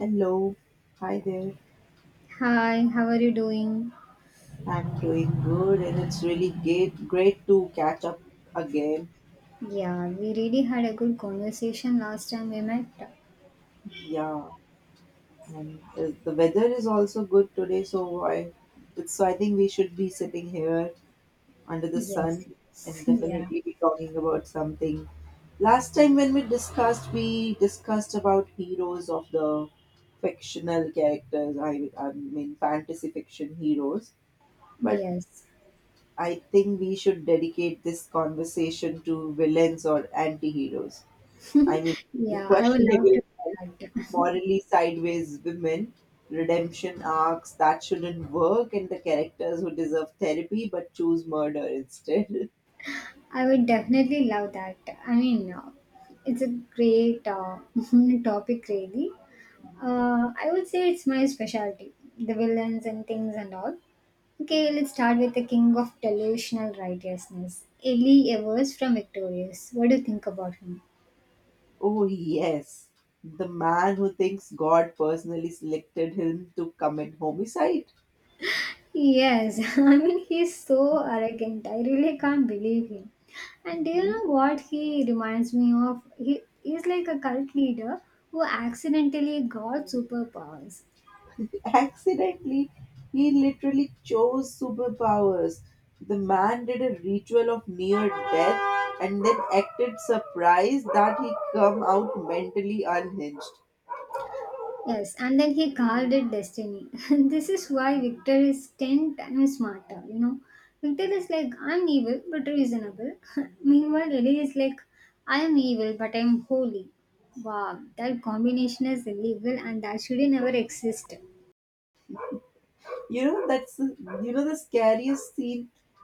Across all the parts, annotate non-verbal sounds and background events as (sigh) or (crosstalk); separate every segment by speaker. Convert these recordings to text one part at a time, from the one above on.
Speaker 1: Hello, hi there.
Speaker 2: Hi, how are you doing?
Speaker 1: I'm doing good, and it's really great to catch up again.
Speaker 2: Yeah, we really had a good conversation last time we met.
Speaker 1: Yeah, and the weather is also good today, so I think we should be sitting here under the sun
Speaker 2: Yes,
Speaker 1: and
Speaker 2: yes, yeah,
Speaker 1: definitely be talking about something. Last time when we discussed about heroes of the fictional characters. I mean, fantasy fiction heroes. But
Speaker 2: yes,
Speaker 1: I think we should dedicate this conversation to villains or anti-heroes. I mean, the
Speaker 2: yeah. I would love to
Speaker 1: questionable, right?
Speaker 2: do that.
Speaker 1: Morally sideways women, redemption arcs that shouldn't work, and the characters who deserve therapy but choose murder instead. (laughs)
Speaker 2: (laughs) I would definitely love that. I mean, it's a great (laughs) topic, really. I would say it's my specialty, the villains and things and all. Okay, let's start with the king of delusional righteousness, Eli Evers from Victorious. What do you think about him?
Speaker 1: Oh, yes. The man who thinks God personally selected him to commit homicide.
Speaker 2: Yes, (laughs) I mean he's so arrogant. I really can't believe him. And do you
Speaker 1: Mhm.
Speaker 2: know what he reminds me of? He is like a cult leader who accidentally got superpowers.
Speaker 1: Accidentally he literally chose superpowers. The man did a ritual of near death and then acted surprised that he come out mentally unhinged.
Speaker 2: Yes, and then he called it destiny. (laughs) This is why Victor is 10 times smarter. You know, Victor is like I'm evil but reasonable. (laughs) Meanwhile, Lily is like I am evil but I'm holy. Wow, that combination is illegal and that should never exist.
Speaker 1: You know, that's the scariest scene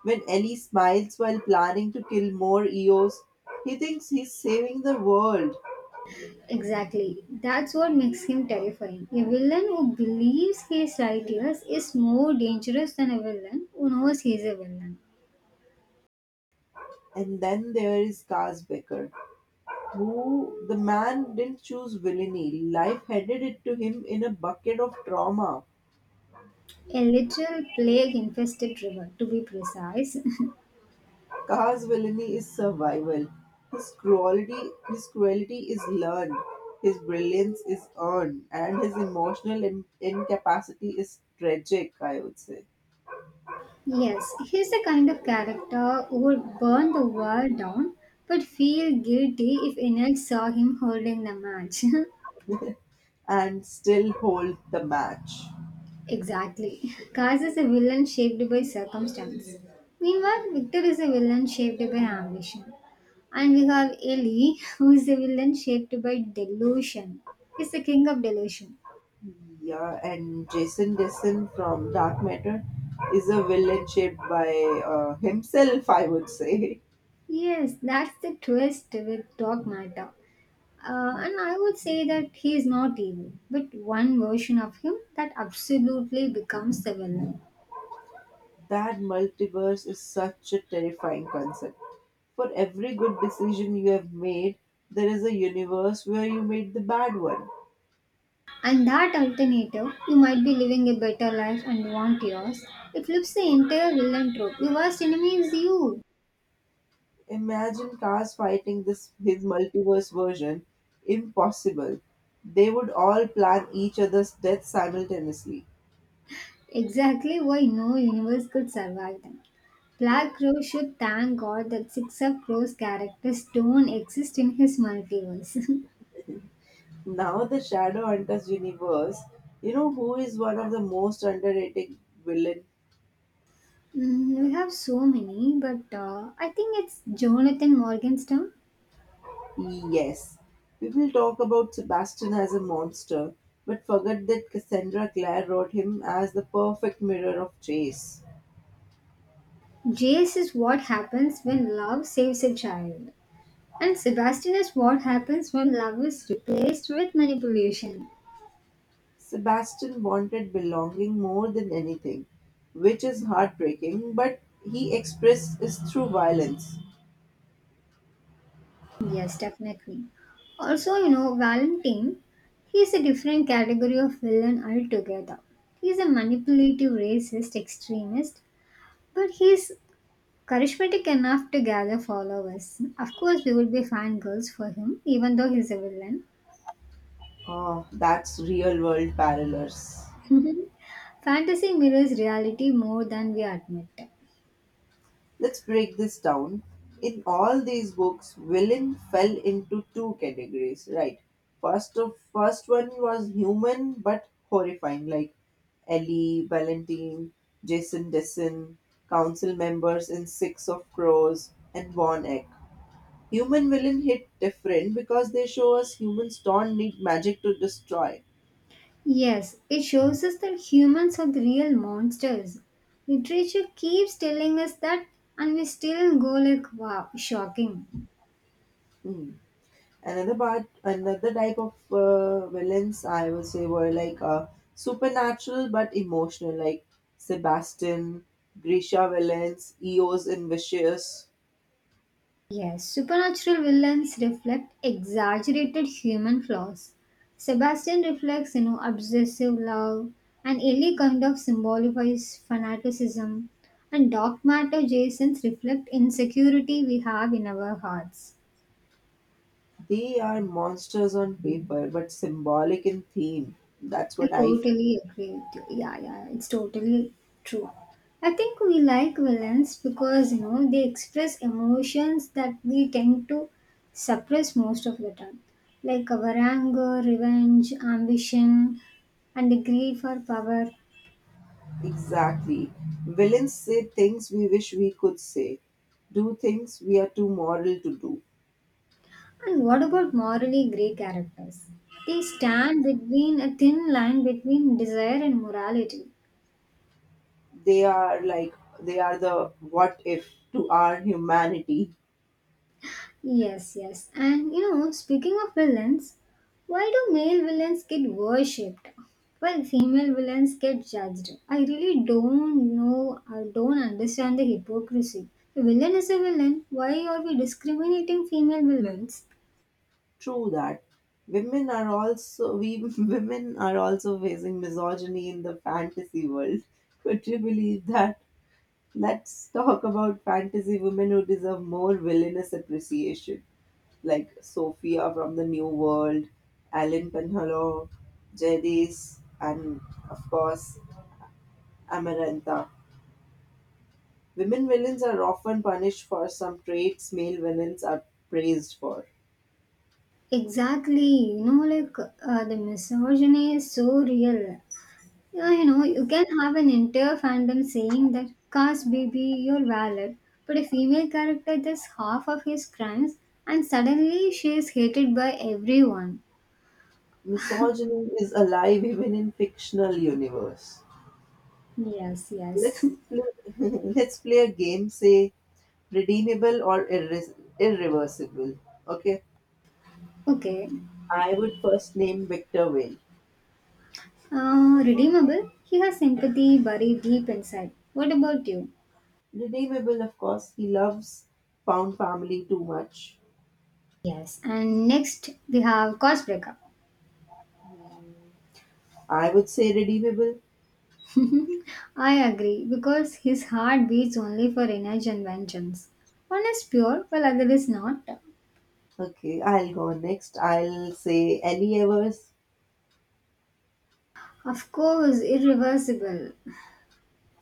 Speaker 1: when Ellie smiles while planning to kill more Eos. He thinks he's saving the world.
Speaker 2: Exactly. That's what makes him terrifying. A villain who believes he is righteous is more dangerous than a villain who knows he is a villain.
Speaker 1: And then there is Becker, who the man didn't choose villainy. Life handed it to him in a bucket of trauma.
Speaker 2: A literal plague infested river, to be precise.
Speaker 1: Car's villainy is survival. His cruelty is learned, his brilliance is earned, and his emotional incapacity is tragic, I would say,
Speaker 2: (laughs) Yes, he's the kind of character who would burn the world down but feel guilty if anyone saw him holding the match. (laughs)
Speaker 1: and still hold the match.
Speaker 2: Exactly. Kaz is a villain shaped by circumstance. Meanwhile, Victor is a villain shaped by ambition. And we have Ellie, who is a villain shaped by delusion. He's the king of delusion.
Speaker 1: Yeah, and Jason Dessen from Dark Matter is a villain shaped by himself, I would say. (laughs)
Speaker 2: Yes, that's the twist with Dog Matter. And I would say that he is not evil, but one version of him that absolutely becomes the villain.
Speaker 1: That multiverse is such a terrifying concept. For every good decision you have made, there is a universe where you made the bad one.
Speaker 2: And that alternative, you might be living a better life and want yours. It flips the entire villain trope. Your worst enemy is you.
Speaker 1: Imagine cars fighting this his multiverse version. Impossible. They would all plan each other's death simultaneously.
Speaker 2: Exactly why no universe could survive them. Black Crow should thank God that Six of Crows characters don't exist in his multiverse. (laughs)
Speaker 1: Now the Shadowhunter's universe, you know who is one of the most underrated villain.
Speaker 2: Mm, we have so many, but I think it's Jonathan Morgan's term.
Speaker 1: Yes, people talk about Sebastian as a monster, but forget that Cassandra Clare wrote him as the perfect mirror of Chase.
Speaker 2: Jace is what happens when love saves a child, and Sebastian is what happens when love is replaced with manipulation.
Speaker 1: Sebastian wanted belonging more than anything, which is heartbreaking, but he expressed this through violence.
Speaker 2: Yes, definitely. Also, Valentine, he's a different category of villain altogether. He's a manipulative, racist, extremist, but he's charismatic enough to gather followers. Of course, we will be fangirls for him, even though he's a villain.
Speaker 1: Oh, that's real world parallels.
Speaker 2: (laughs) Fantasy mirrors reality more than we admit.
Speaker 1: Let's break this down. In all these books, villain fell into two categories, right? First one was human but horrifying, like Ellie, Valentine, Jason Dessen, council members in Six of Crows, and Von Eck. Human villain hit different because they show us humans don't need magic to destroy.
Speaker 2: Yes, it shows us that humans are the real monsters. Literature keeps telling us that, and we still go like, wow, shocking.
Speaker 1: Hmm. Another type of villains I would say were like supernatural but emotional, like Sebastian, grisha villains, Eos, and vicious.
Speaker 2: Yes, supernatural villains reflect exaggerated human flaws. Sebastian reflects, obsessive love, and Ellie kind of symbolifies fanaticism, and Dark Matter Jasons reflect insecurity we have in our hearts.
Speaker 1: They are monsters on paper but symbolic in theme, that's
Speaker 2: I
Speaker 1: what I feel.
Speaker 2: totally agree with you. Yeah, yeah, it's totally true. I think we like villains because you know they express emotions that we tend to suppress most of the time, like our anger, revenge, ambition, and the greed for power.
Speaker 1: Exactly, villains say things we wish we could say, do things we are too moral to do.
Speaker 2: And what about morally grey characters? They stand between a thin line between desire and morality.
Speaker 1: They are like they are the what if to our humanity.
Speaker 2: Yes, yes. And speaking of villains, why do male villains get worshipped while female villains get judged? I really don't know, I don't understand the hypocrisy. A villain is a villain. Why are we discriminating female villains?
Speaker 1: True that. Women are also we (laughs) women are also facing misogyny in the fantasy world. Could you believe that? Let's talk about fantasy women who deserve more villainous appreciation, like Sophia from the New World, Alan Penhallow, Jedis, and of course Amarantha. Women villains are often punished for some traits male villains are praised for.
Speaker 2: Exactly. Like the misogyny is so real. Yeah, you can have an entire fandom saying that Cars baby, you're valid, but a female character does half of his crimes and suddenly she is hated by everyone.
Speaker 1: Misogyny is alive even in fictional universe.
Speaker 2: Yes, yes.
Speaker 1: (laughs) Let's play a game. Say redeemable or irreversible. Okay.
Speaker 2: (laughs) Okay.
Speaker 1: I would first name Victor Whale.
Speaker 2: Redeemable, he has sympathy buried deep inside. What about you?
Speaker 1: Redeemable, of course. He loves Pound Family too much.
Speaker 2: Yes, and next we have Cause Breakup.
Speaker 1: I would say redeemable.
Speaker 2: I agree because his heart beats only for revenge and vengeance. One is pure while other is not.
Speaker 1: Okay, I'll go next. I'll say Ellie Evers.
Speaker 2: Of course, irreversible.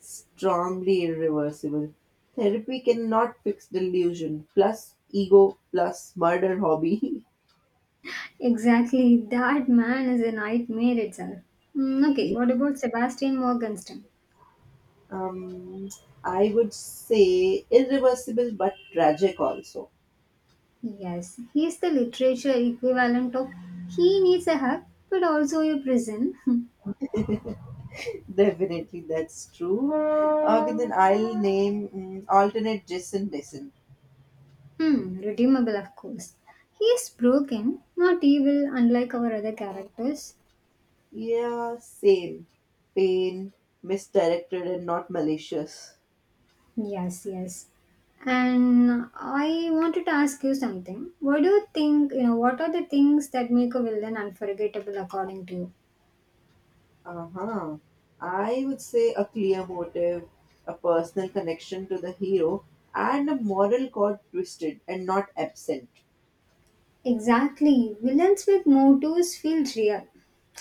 Speaker 1: Strongly irreversible. Therapy cannot fix delusion. Plus ego. Plus murder hobby.
Speaker 2: Exactly, that man is a nightmare itself. Mm, okay, what
Speaker 1: (laughs)
Speaker 2: about Sebastian Morgenstern?
Speaker 1: um, I would say irreversible but tragic also.
Speaker 2: Yes, he's the literature equivalent of he needs a hug, but also a prison. (laughs)
Speaker 1: Definitely, that's true. Okay, then I'll name alternate Jason Mason.
Speaker 2: Hmm, redeemable, of course. He's broken, not evil, unlike our other characters.
Speaker 1: Yeah, same. Pain, misdirected and not malicious.
Speaker 2: Yes, yes. And I wanted to ask you something. What do you think, what are the things that make a villain unforgettable according to you?
Speaker 1: Uh huh. I would say a clear motive, a personal connection to the hero, and a moral cord twisted and not absent.
Speaker 2: Exactly. Villains with motives feel real.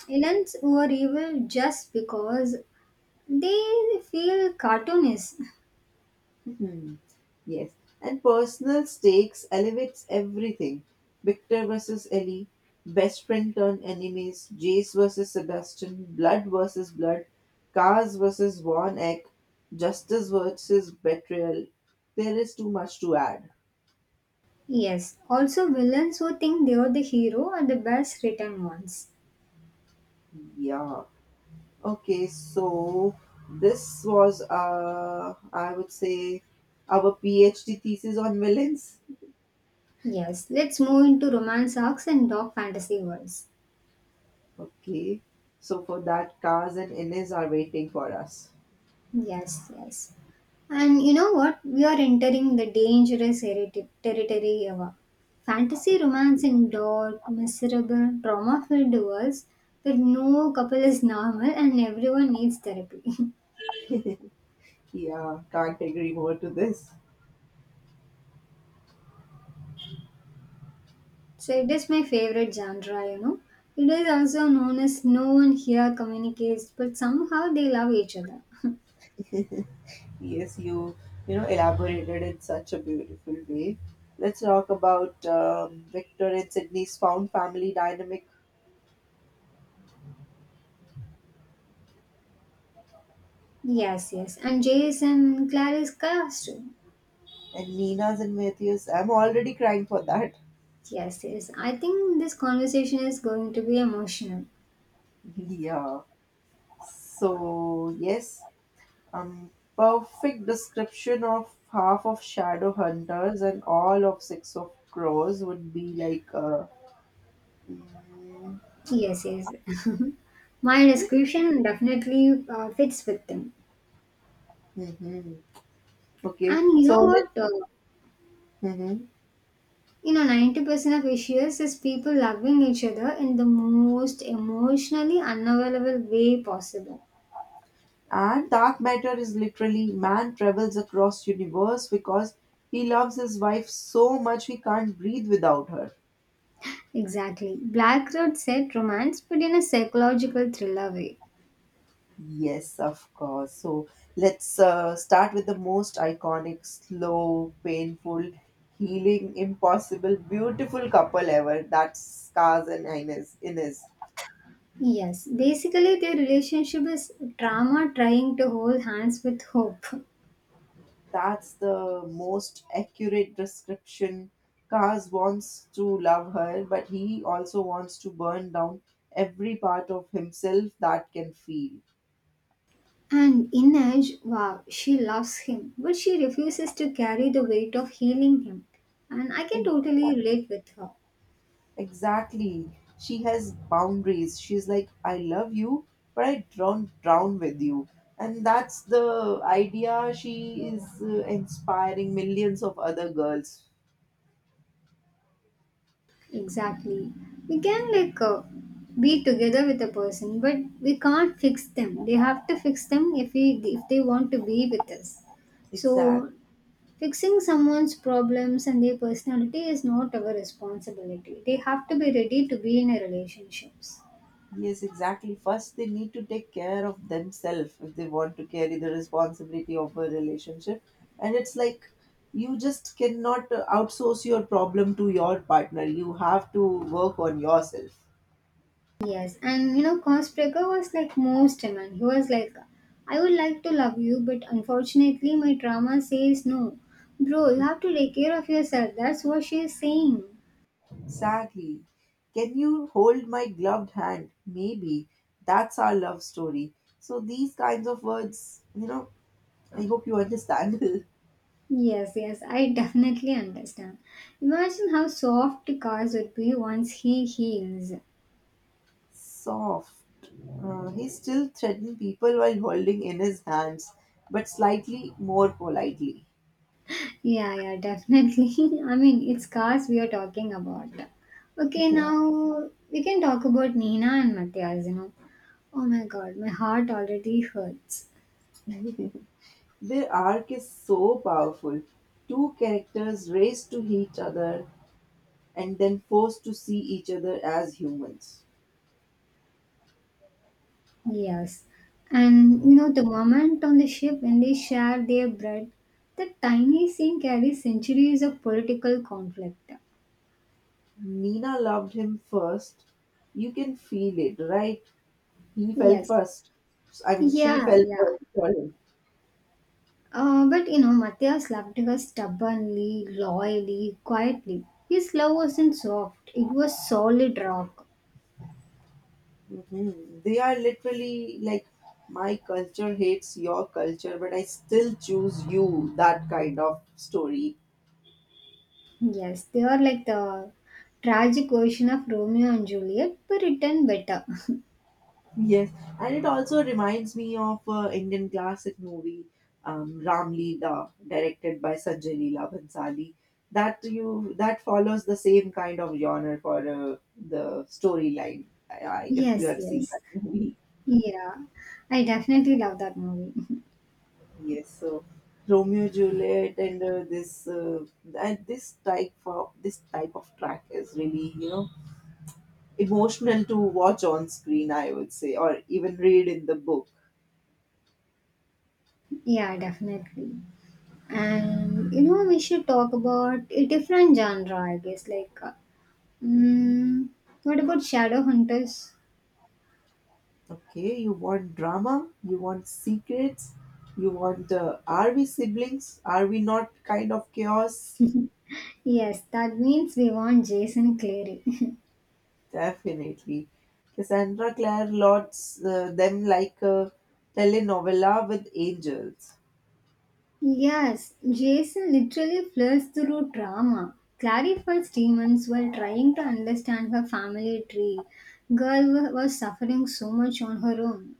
Speaker 2: Villains who are evil just because they feel cartoonish.
Speaker 1: Hmm. Yes, and personal stakes elevates everything. Victor versus Ellie, best friend turned enemies, Jace versus Sebastian, blood versus blood, Cars versus Von Eck, justice versus betrayal. There is too much to add.
Speaker 2: Yes. Also, villains who think they are the hero are the best written ones.
Speaker 1: Yeah. Okay, so this was, I would say, our PhD thesis on villains.
Speaker 2: Yes. Let's move into romance arcs and dark fantasy worlds.
Speaker 1: Okay, so for that, Cars and Innes are waiting for us.
Speaker 2: Yes, yes. And you know what? We are entering the dangerous territory of fantasy romance in dark, miserable, trauma filled worlds where no couple is normal and everyone needs therapy.
Speaker 1: Yeah, can't agree more to this.
Speaker 2: (laughs) So it is my favorite genre. It is also known as no one here communicates, but somehow they love each other. (laughs)
Speaker 1: Yes, you know elaborated in such a beautiful way. Let's talk about Victor and Sydney's found family dynamic
Speaker 2: Yes, yes. And Jason Clarice cast.
Speaker 1: and Nina's and Matthew's. I'm already crying for that.
Speaker 2: Yes, yes. I think this conversation is going to be emotional.
Speaker 1: (laughs) Yeah. So yes, um, perfect description of half of Shadow Hunters and all of Six of Crows would be like. Mm-hmm.
Speaker 2: Yes, yes. (laughs) My description definitely fits with them.
Speaker 1: Mm-hmm. Okay,
Speaker 2: And you know
Speaker 1: so let's.
Speaker 2: what?
Speaker 1: Hmm.
Speaker 2: 90% of issues is people loving each other in the most emotionally unavailable way possible.
Speaker 1: And dark matter is literally man travels across universe because he loves his wife so much he can't breathe without her.
Speaker 2: Exactly. Black Road said romance, but in a psychological thriller way.
Speaker 1: Yes, of course. So let's start with the most iconic, slow, painful, healing, impossible, beautiful couple ever. That's scars and Ines. Ines.
Speaker 2: Yes, basically, their relationship is drama trying to hold hands with hope. (laughs)
Speaker 1: That's the most accurate description. Kaz wants to love her, but he also wants to burn down every part of himself that can feel.
Speaker 2: And Inej, wow, she loves him, but she refuses to carry the weight of healing him. And I can
Speaker 1: Ex-
Speaker 2: totally relate with her.
Speaker 1: Exactly. She has boundaries. She's like, I love you, but I don't drown with you. And that's the idea she is inspiring millions of other girls.
Speaker 2: Exactly. We can like be together with a person, but we can't fix them. They have to fix them if they want to be with us. So
Speaker 1: Exactly.
Speaker 2: fixing someone's problems and their personality is not our responsibility. They have to be ready to be in a relationships.
Speaker 1: Yes, exactly. First, they need to take care of themselves if they want to carry the responsibility of a relationship. And it's like you just cannot outsource your problem to your partner. You have to work on yourself.
Speaker 2: Yes, and Cosbreaker was like most man. He was like, I would like to love you, but unfortunately, my trauma says no. Bro, you have to take care of yourself. That's what she is saying.
Speaker 1: Exactly. Can you hold my gloved hand? Maybe. That's our love story. So, these kinds of words, you know, I hope you understand. (laughs)
Speaker 2: Yes, yes, I (laughs) definitely understand. Imagine how soft Cars would be once he heals.
Speaker 1: Soft. He still threatened people while holding in his hands, but slightly more politely.
Speaker 2: Yeah, yeah, definitely. (laughs) I mean, it's Cars we are talking about.
Speaker 1: (laughs)
Speaker 2: Okay,
Speaker 1: Yeah.
Speaker 2: now we can talk about Nina and Matthias. Oh my god, my heart already hurts.
Speaker 1: Their arc is so powerful. Two characters raised to each other and then forced to see each other as humans.
Speaker 2: Yes. And the moment on the ship when they share their bread, the tiny scene carries centuries of political conflict.
Speaker 1: Nina loved him first. You can feel it, right? He fell
Speaker 2: Yes.
Speaker 1: first. I mean, she
Speaker 2: Yeah,
Speaker 1: fell
Speaker 2: yeah.
Speaker 1: first for him.
Speaker 2: But Matthias loved her stubbornly, loyally, quietly. His love wasn't soft, it was solid rock.
Speaker 1: Mhm. They are literally like, my culture hates your culture, but I still choose you, that kind of story.
Speaker 2: Yes, they are like the tragic version of Romeo and Juliet, but written better. (laughs)
Speaker 1: Yes, and it also reminds me of Indian classic movie Ram Leela, directed by Sanjay Leela Bhansali. That follows the same kind of genre for the storyline. If you
Speaker 2: Yes,
Speaker 1: have seen
Speaker 2: yes.
Speaker 1: that movie.
Speaker 2: Yeah, I definitely love that movie. (laughs)
Speaker 1: Yes, so Romeo Juliet and this and this type of track is really, you know, emotional to watch on screen. I would say, or even read in the book.
Speaker 2: Yeah, definitely. And we should talk about a different genre, I guess. Like,
Speaker 1: Hmm.
Speaker 2: mm, what about Shadow Hunters?
Speaker 1: Okay, you want drama, you want secrets, you want are we siblings? Are we not kind of chaos?
Speaker 2: Yes, that means we want Jason Clary. (laughs)
Speaker 1: Definitely, Cassandra Clare lots them like a telenovela with angels.
Speaker 2: Yes, Jason literally flirts through drama, clarifies demons while trying to understand her family tree. Girl was suffering so much on her own.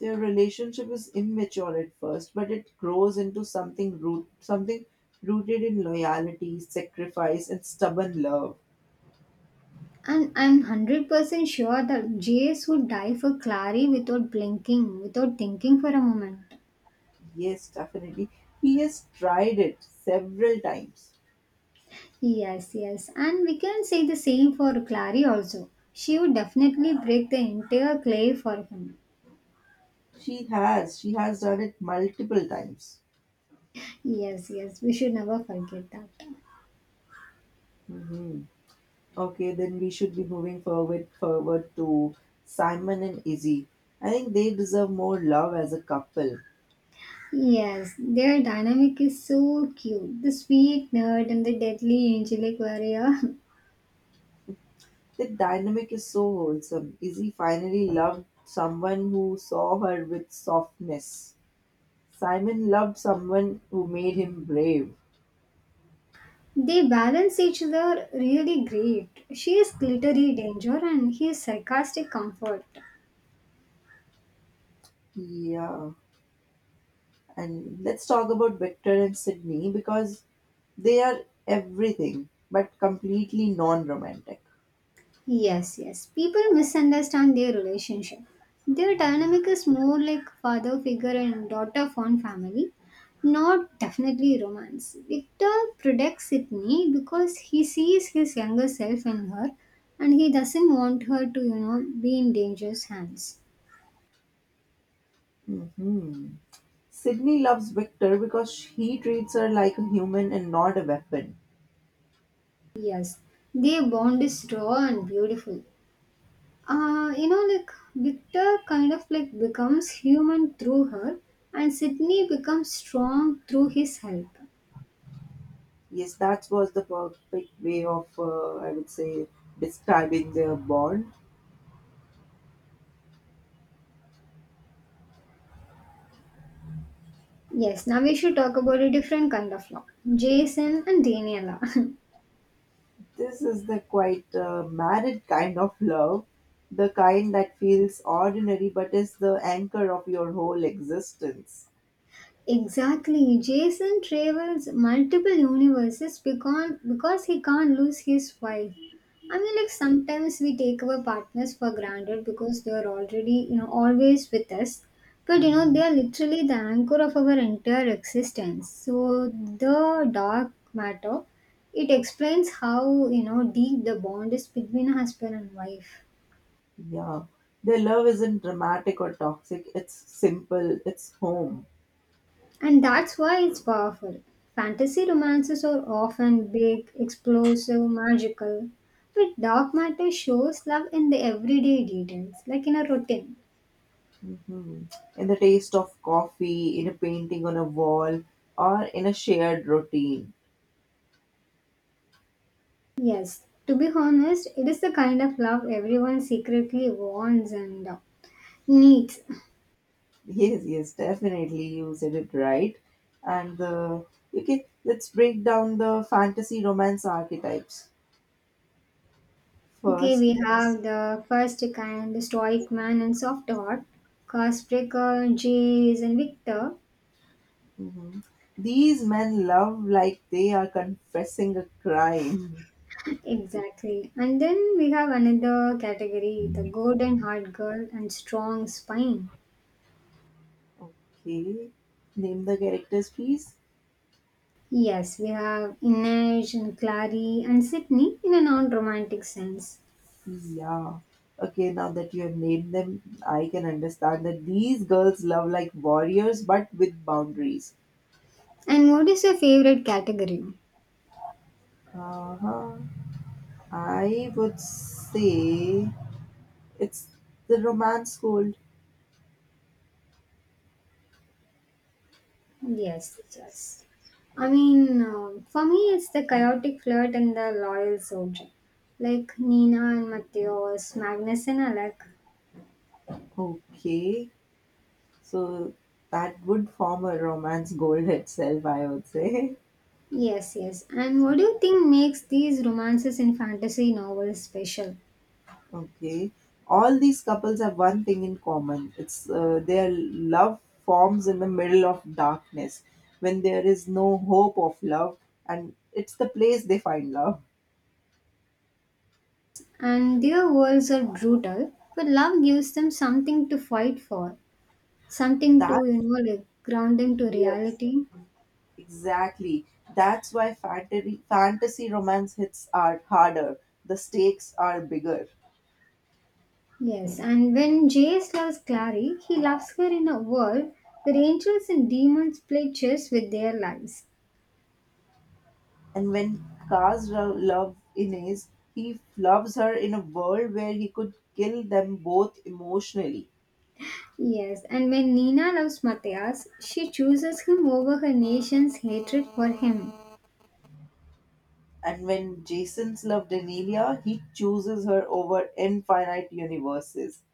Speaker 1: Their relationship is immature at first, but it grows into something root something rooted in loyalty, sacrifice, and stubborn love.
Speaker 2: And I'm 100% sure that Jace would die for Clary without blinking, without thinking for a moment.
Speaker 1: Yes, definitely. He has tried it several times.
Speaker 2: Yes, yes. And we can say the same for Clary also. She would definitely break the entire clay for him.
Speaker 1: She has. She has done it multiple times.
Speaker 2: Yes, yes. We should never forget that.
Speaker 1: Hmm. Okay, then we should be moving forward to Simon and Izzy. I think they deserve more love as a couple.
Speaker 2: Yes, their dynamic is so cute. The sweet nerd and the deadly angelic warrior. (laughs)
Speaker 1: The dynamic is so wholesome. Izzy finally loved someone who saw her with softness. Simon loved someone who made him brave.
Speaker 2: They balance each other really great. She is glittery danger and he is sarcastic comfort.
Speaker 1: Yeah. And let's talk about Victor and Sydney because they are everything but completely non romantic.
Speaker 2: Yes, yes. People misunderstand their relationship. Their dynamic is more like father figure and daughter fond family, not definitely romance. Victor protects Sydney because he sees his younger self in her and he doesn't want her to, be in dangerous hands.
Speaker 1: Hmm. Sydney loves Victor because he treats her like a human and not a weapon.
Speaker 2: Yes, their bond is raw and beautiful. Like Victor kind of like becomes human through her, and Sydney becomes strong through his help.
Speaker 1: Yes, that was the perfect way of, I would say, describing their bond.
Speaker 2: Yes, now we should talk about a different kind of law. Jason and Daniela.
Speaker 1: This is the quite married kind of love, the kind that feels ordinary but is the anchor of your whole existence.
Speaker 2: (laughs) Exactly. Jason travels multiple universes because he can't lose his wife. I mean, like sometimes we take our partners for granted because they are already, always with us. But they are literally the anchor of our entire existence. So, the dark matter, it explains how, deep the bond is between husband and wife.
Speaker 1: Yeah. Their love isn't dramatic or toxic, it's simple, it's home.
Speaker 2: And that's why it's powerful. Fantasy romances are often big, explosive, magical. But dark matter shows love in the everyday details, like in a routine.
Speaker 1: Mhm. In the taste of coffee, in a painting on a wall, or in a shared routine.
Speaker 2: Yes, to be honest, it is the kind of love everyone secretly wants and needs.
Speaker 1: Yes, yes, definitely you said it right. And the okay, let's break down the fantasy romance archetypes.
Speaker 2: Okay,
Speaker 1: First,
Speaker 2: we
Speaker 1: let's.
Speaker 2: have the first kind, the stoic man and soft heart, Castbreaker, Jace, and Victor.
Speaker 1: Mhm. These men love like they are confessing a crime.
Speaker 2: Exactly. And then we have another category the golden heart girl and strong spine.
Speaker 1: Okay. Name the characters, please.
Speaker 2: Yes, we have Inej and Clary and Sydney in a non romantic sense.
Speaker 1: Yeah. Okay, now that you have named them, I can understand that these girls love like warriors but with boundaries.
Speaker 2: And what is your favorite category?
Speaker 1: Uh-huh. I would say it's the romance gold.
Speaker 2: Yes, yes. I mean, for me, it's the chaotic flirt and the loyal soldier. Like Nina and Matthias, Magnus and Alec.
Speaker 1: Okay. So that would form a romance gold (laughs) itself, I would say. (laughs)
Speaker 2: Yes, yes. And what do you think makes these romances in fantasy novels special?
Speaker 1: Okay. All these couples have one thing in common. It's their love forms in the middle of darkness when there is no hope of love, and it's the place they find love.
Speaker 2: And their worlds are brutal, but love gives them something to fight for, something
Speaker 1: That's
Speaker 2: to, like ground them to
Speaker 1: yes,
Speaker 2: reality.
Speaker 1: exactly. That's why fantasy romance hits are harder. The stakes are bigger.
Speaker 2: Yes, and when Jace loves Clary, he loves her in a world where angels and demons play chess with their lives.
Speaker 1: And when Kaz love Inez, he loves her in a world where he could kill them both emotionally.
Speaker 2: Yes, and when Nina loves Matthias, she chooses him over her nation's hatred for him.
Speaker 1: And when Jason's loved Denelia, he chooses her over infinite universes.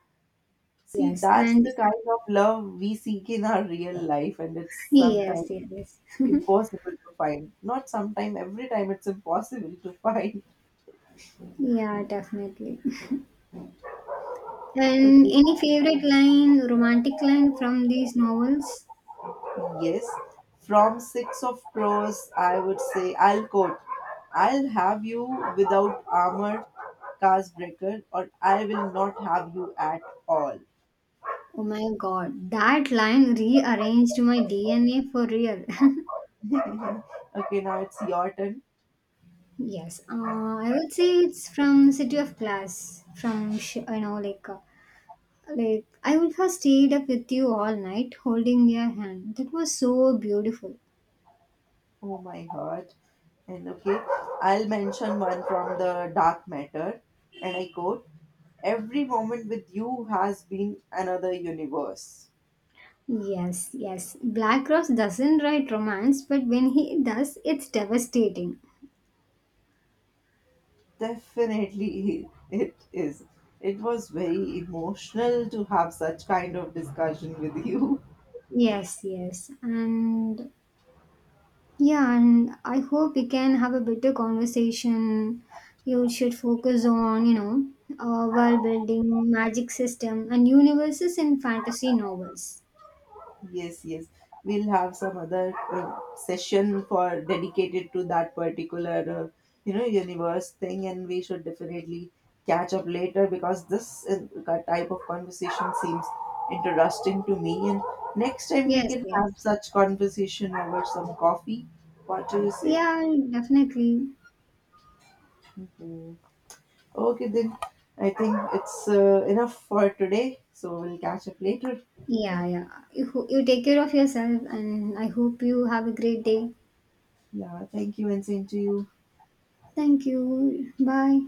Speaker 1: See,
Speaker 2: Yes,
Speaker 1: that's
Speaker 2: and
Speaker 1: the kind of love we seek in our real life, and it's sometimes
Speaker 2: yes, yes.
Speaker 1: impossible to find. Not sometime, every time it's impossible to find. (laughs)
Speaker 2: Yeah, definitely. And
Speaker 1: Okay.
Speaker 2: any favorite line, romantic line from these novels?
Speaker 1: Yes. From Six of Crows, I would say I'll quote, I'll have you without armor, cast breaker, or I will not have you at all.
Speaker 2: Oh my god, that line rearranged my DNA for real. (laughs)
Speaker 1: Okay, now it's your turn.
Speaker 2: Yes, I would say it's from City of Glass. From Sh- you know, like I would have stayed up with you all night, holding your hand. That was so beautiful.
Speaker 1: Oh my god. And okay, I'll mention one from the dark matter, and I quote, every moment with you has been another universe.
Speaker 2: Yes, yes. Black Rose doesn't write romance, but when he does, it's devastating.
Speaker 1: Definitely, (laughs) it is. It was very emotional to have such kind of discussion with you.
Speaker 2: Yes, yes. And Yeah, and I hope we can have a better conversation. You should focus on, world building, magic system, and universes in fantasy novels.
Speaker 1: Yes, yes. We'll have some other session for dedicated to that particular, you know, universe thing, and we should definitely catch up later because this type of conversation seems interesting to me. And next time we
Speaker 2: Yes,
Speaker 1: can
Speaker 2: yes.
Speaker 1: have such conversation over some coffee. What do you say?
Speaker 2: Yeah, definitely.
Speaker 1: Mhm. Okay, then I think it's enough for today. So we'll catch up later.
Speaker 2: Yeah, yeah. You take care of yourself, and I hope you have a great day.
Speaker 1: Yeah, thank you, and same to you.
Speaker 2: Thank you. Bye.